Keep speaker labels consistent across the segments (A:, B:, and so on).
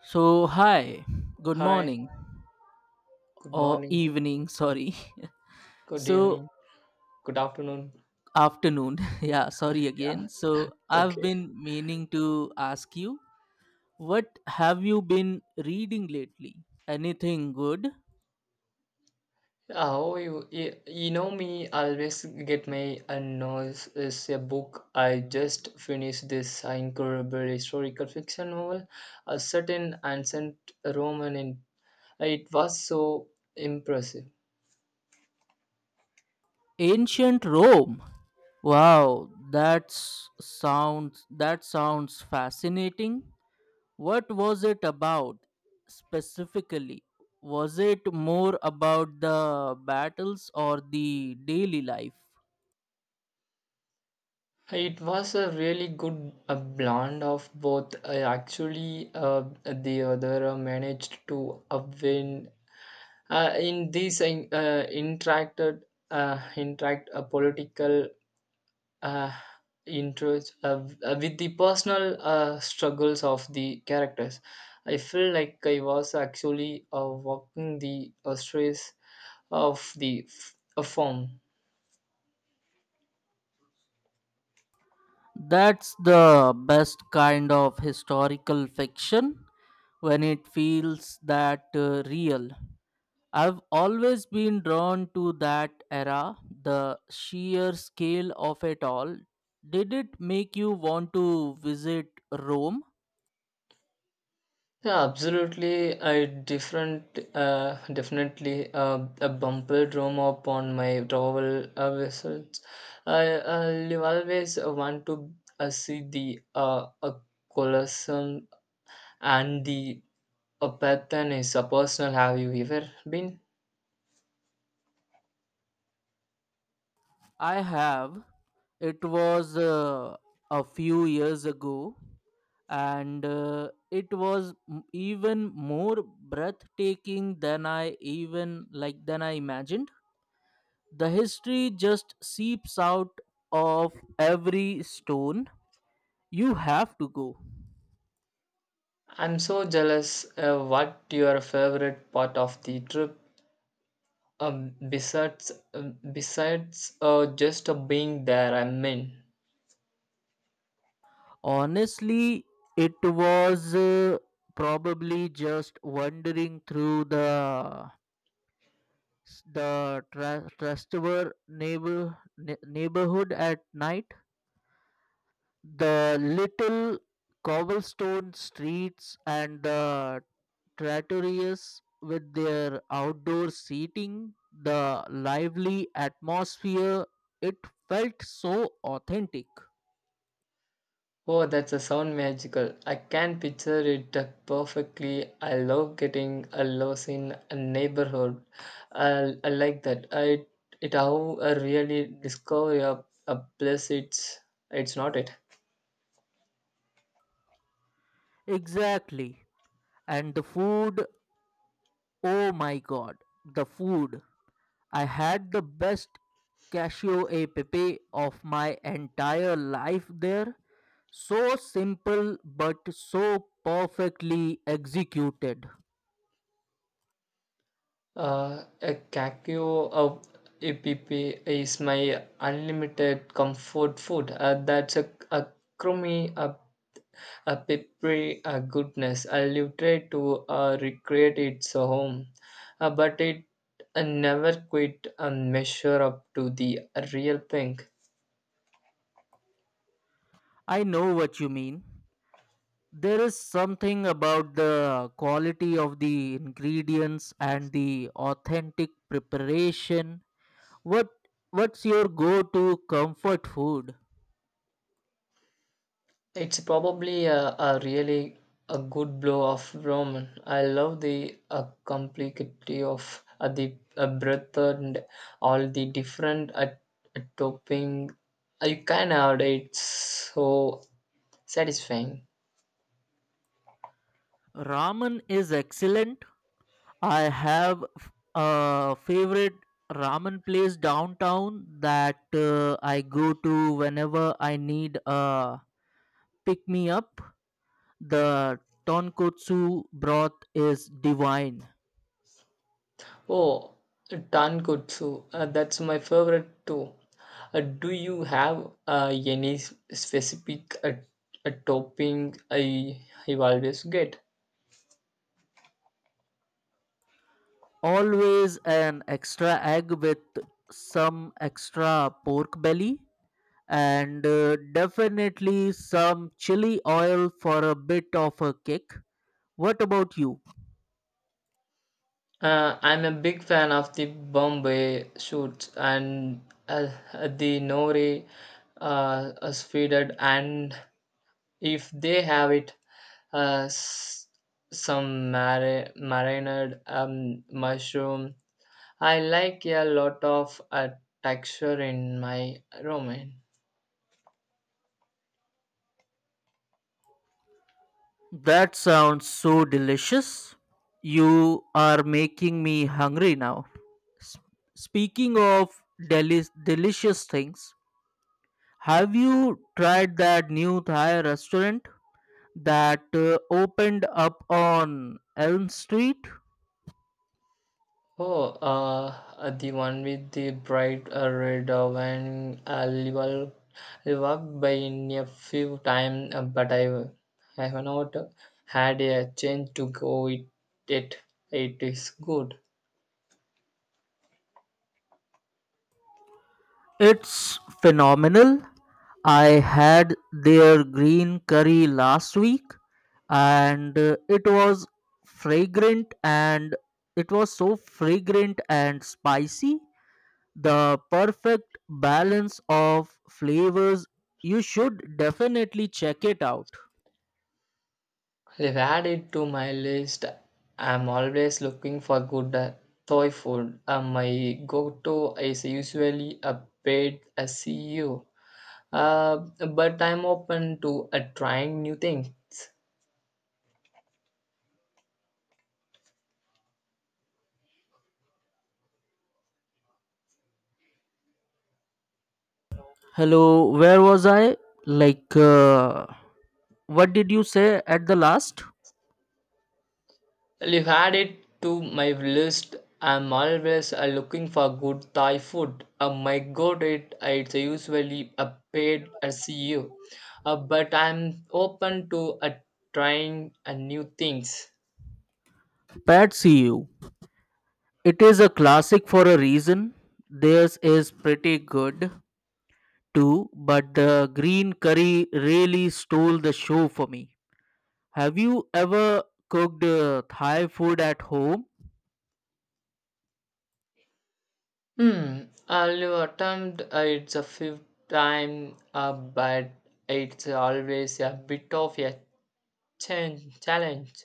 A: So, hi, good
B: Hi,
A: morning
B: good
A: or
B: morning,
A: evening, sorry.
B: good
A: So,
B: evening, good afternoon.
A: afternoon, yeah, sorry
B: Yeah,
A: again. So, I've
B: okay.
A: been meaning to ask you, what have you been reading lately? Anything good?
B: Oh, you know me, I always get my unknowns is a book. I just finished this incredible historical fiction novel, a certain ancient Roman, and it was so impressive.
A: Ancient Rome. Wow, that sounds fascinating. What was it about specifically? Was it more about the battles or the daily life?
B: It was a really good blend of both. I actually, the other managed to win in these interacted interact a political uh, interests with the personal struggles of the characters. I feel like I was actually walking the stress of the a form.
A: That's the best kind of historical fiction when it feels that real. I've always been drawn to that era, the sheer scale of it all. Did it make you want to visit Rome?
B: Yeah, absolutely. I different Definitely a bumper drum up on my travel vessels. I I will always want to see the a Colosseum and the Apathon Is A personal. Have you ever been?
A: I have. It was a few years ago, and it was even more breathtaking than I even like than I imagined. The history just seeps out of every stone. You have to go.
B: I'm so jealous. What your favorite part of the trip? Besides, just being there. I mean.
A: Honestly, it was probably just wandering through the Trastevere neighborhood at night. The little cobblestone streets and the traitorous with their outdoor seating, the lively atmosphere, it felt so authentic.
B: Oh, that's a sound magical. I can picture it perfectly. I love getting a lost in a neighborhood. I like that. I it how I really discover a place. It's not it.
A: Exactly. And the food, oh my god, the food. I had the best cashew a pepe of my entire life there. So simple but so perfectly executed.
B: A Kakio of app is my unlimited comfort food. That's a crummy, a peppery goodness. I live try to recreate its home, but it never quite measure up to the real thing.
A: I know what you mean. There is something about the quality of the ingredients and the authentic preparation. What what's your go to comfort food?
B: It's probably a really a good blow of Roman. I love the complexity of the breadth and all the different topping. You can add it so satisfying.
A: Ramen is excellent. I have a favorite ramen place downtown that I go to whenever I need a pick me up. The tonkotsu broth is divine.
B: Oh, tankotsu. That's my favorite too. Do you have any specific topping I you always get?
A: Always an extra egg with some extra pork belly and definitely some chili oil for a bit of a kick. What about you?
B: I'm a big fan of the Bombay shoots and uh, the Nori Speeded, and if they have it, uh, s- some marinated mushroom. I like a lot of texture in my ramen.
A: That sounds so delicious. You are making me hungry now. S- Speaking of delicious things, have you tried that new Thai restaurant that opened up on Elm Street?
B: Oh, the one with the bright red wine. I will walk by in a few times, but I have not had a chance to go it. It it is good.
A: It's phenomenal. I had their green curry last week and fragrant and it was so fragrant and spicy. The perfect balance of flavors. You should definitely check it out.
B: I've added to my list. I'm always looking for good Thai food. My go-to is usually a paid a CEO. Uh, but I'm open to trying new things.
A: Hello, where was I? Like, what did you say at the last?
B: Well, you add it to my list. I'm always looking for good Thai food. My go-to it's usually a paid CEO, but I'm open to trying new things.
A: Patsy, you. It is a classic for a reason. Theirs is pretty good. Too, but the green curry really stole the show for me. Have you ever cooked Thai food at home?
B: Hmm. I'll attempt it's a fifth time, but it's always a bit of a challenge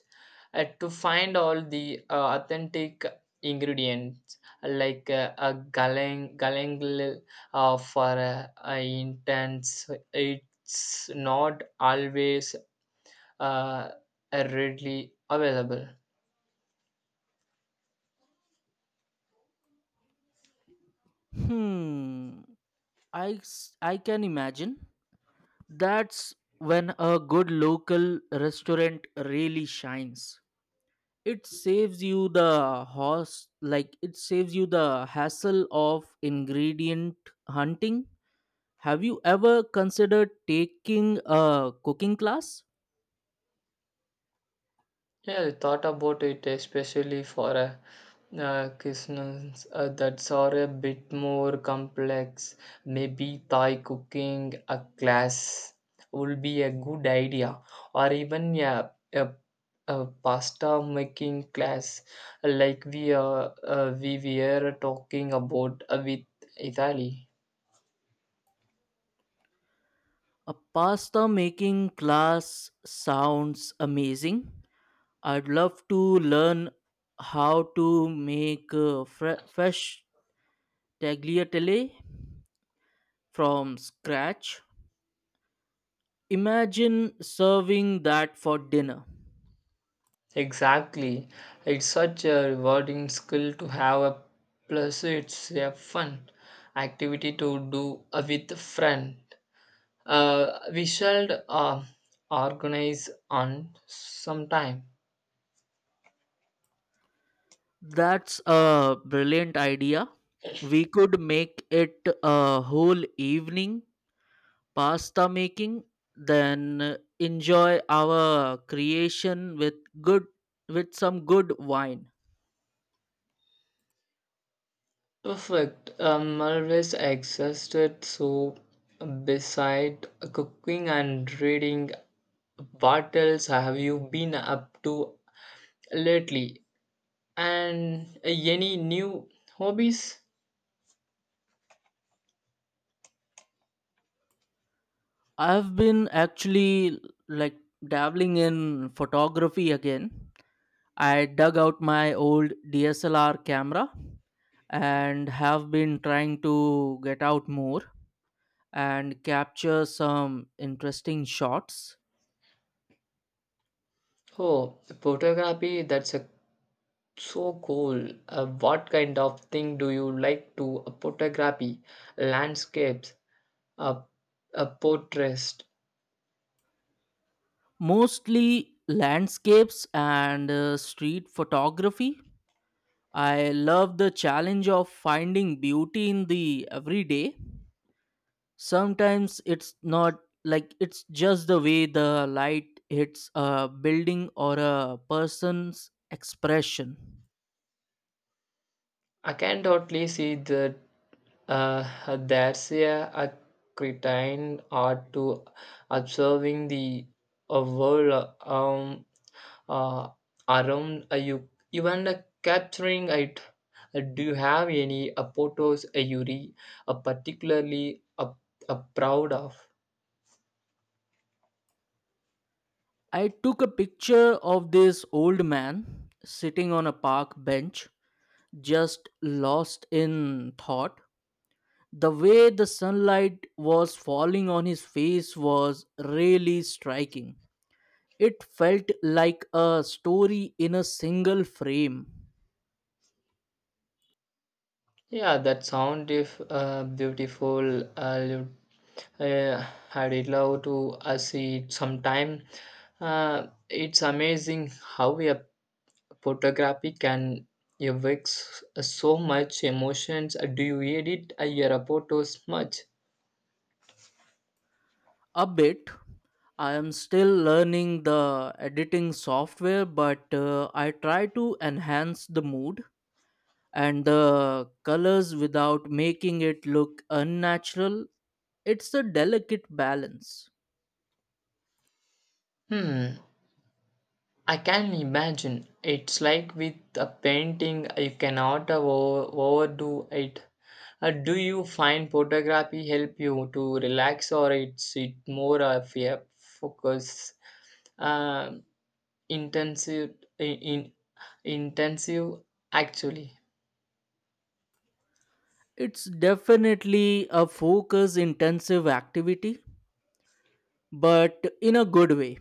B: to find all the authentic ingredients like a galang galang for intense it's not always uh, readily available.
A: Hmm, I can imagine. That's when a good local restaurant really shines. It saves you the horse, it saves you the hassle of ingredient hunting. Have you ever considered taking a cooking class?
B: Yeah, I thought about it especially for cuisines that are a bit more complex. Maybe Thai cooking a class would be a good idea, or even a pasta making class like we were talking about with Italy.
A: A pasta making class sounds amazing. I'd love to learn how to make fresh tagliatelle from scratch. Imagine serving that for dinner.
B: Exactly. It's such a rewarding skill to have a plus it's a fun activity to do with a friend. We shall organize on sometime.
A: That's a brilliant idea. We could make it a whole evening pasta making, then enjoy our creation with good with some good wine.
B: Perfect. I'm always exhausted, so beside cooking and reading, what else have you been up to lately? And any new hobbies?
A: I've been actually like dabbling in photography again. I dug out my old DSLR camera and have been trying to get out more and capture some interesting shots,
B: Oh, photography, that's so cool. What kind of thing do you like to photography? Landscapes, uh, portraits.
A: mostly landscapes and street photography. I love the challenge of finding beauty in the everyday. Sometimes it's not like it's just the way the light hits a building or a person's expression.
B: I can totally see that uh, there's a, a cretin art to observing the world uh, around you, even capturing it. Do you have any photos you particularly proud of?
A: I took a picture of this old man sitting on a park bench, just lost in thought. The way the sunlight was falling on his face was really striking. It felt like a story in a single frame.
B: Yeah, that sound if beautiful. Uh, I'd love to see it sometime. It's amazing how a photography can evoke so much emotions. Do you edit your photos much?
A: A bit. I am still learning the editing software, but I try to enhance the mood and the colors without making it look unnatural. It's a delicate balance.
B: Hmm. I can imagine. It's like with a painting, you cannot overdo it. Do you find photography help you to relax, or it's it more of a focus, uh, intensive, in intensive actually?
A: It's definitely a focus intensive activity, but in a good way.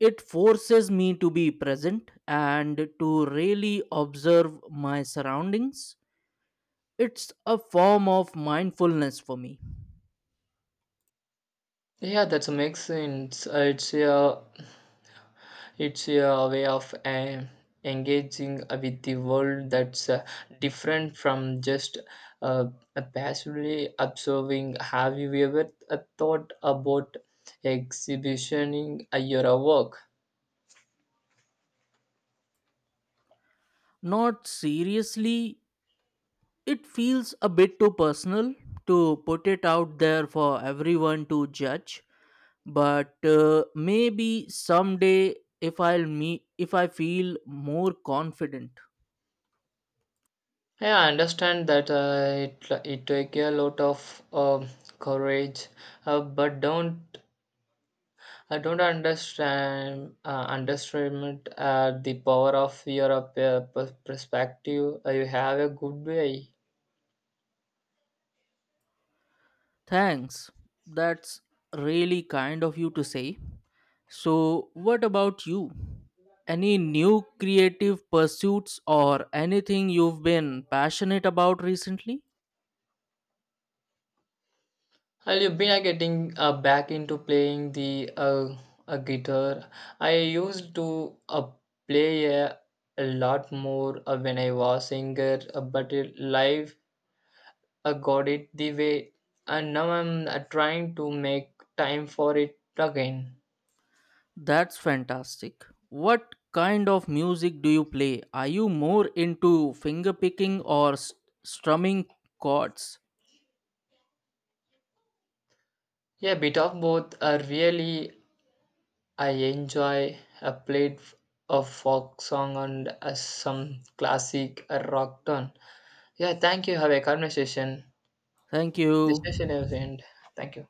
A: It forces me to be present and to really observe my surroundings. It's a form of mindfulness for me.
B: Yeah, that's a makes sense. It's a way of engaging with the world that's different from just uh, passively observing. Have you ever thought about exhibitioning your work?
A: Not seriously, it feels a bit too personal to put it out there for everyone to judge, but maybe someday if I feel more confident.
B: Yeah, I understand that it take a lot of um courage, but don't I don't understand underestimate the power of your perspective. You have a good way.
A: Thanks. That's really kind of you to say. So, what about you? Any new creative pursuits or anything you've been passionate about recently?
B: Well, you've been getting back into playing the guitar. I used to play a lot more when I was younger, but it, life got it the way, and now I'm trying to make time for it again.
A: That's fantastic. What kind of music do you play? Are you more into fingerpicking or strumming chords?
B: Yeah, bit of both. Really, I enjoy. I played a folk song and some classic rock tune. Yeah, thank you. Have a conversation.
A: Thank
B: The session
A: you.
B: has ended. Thank you.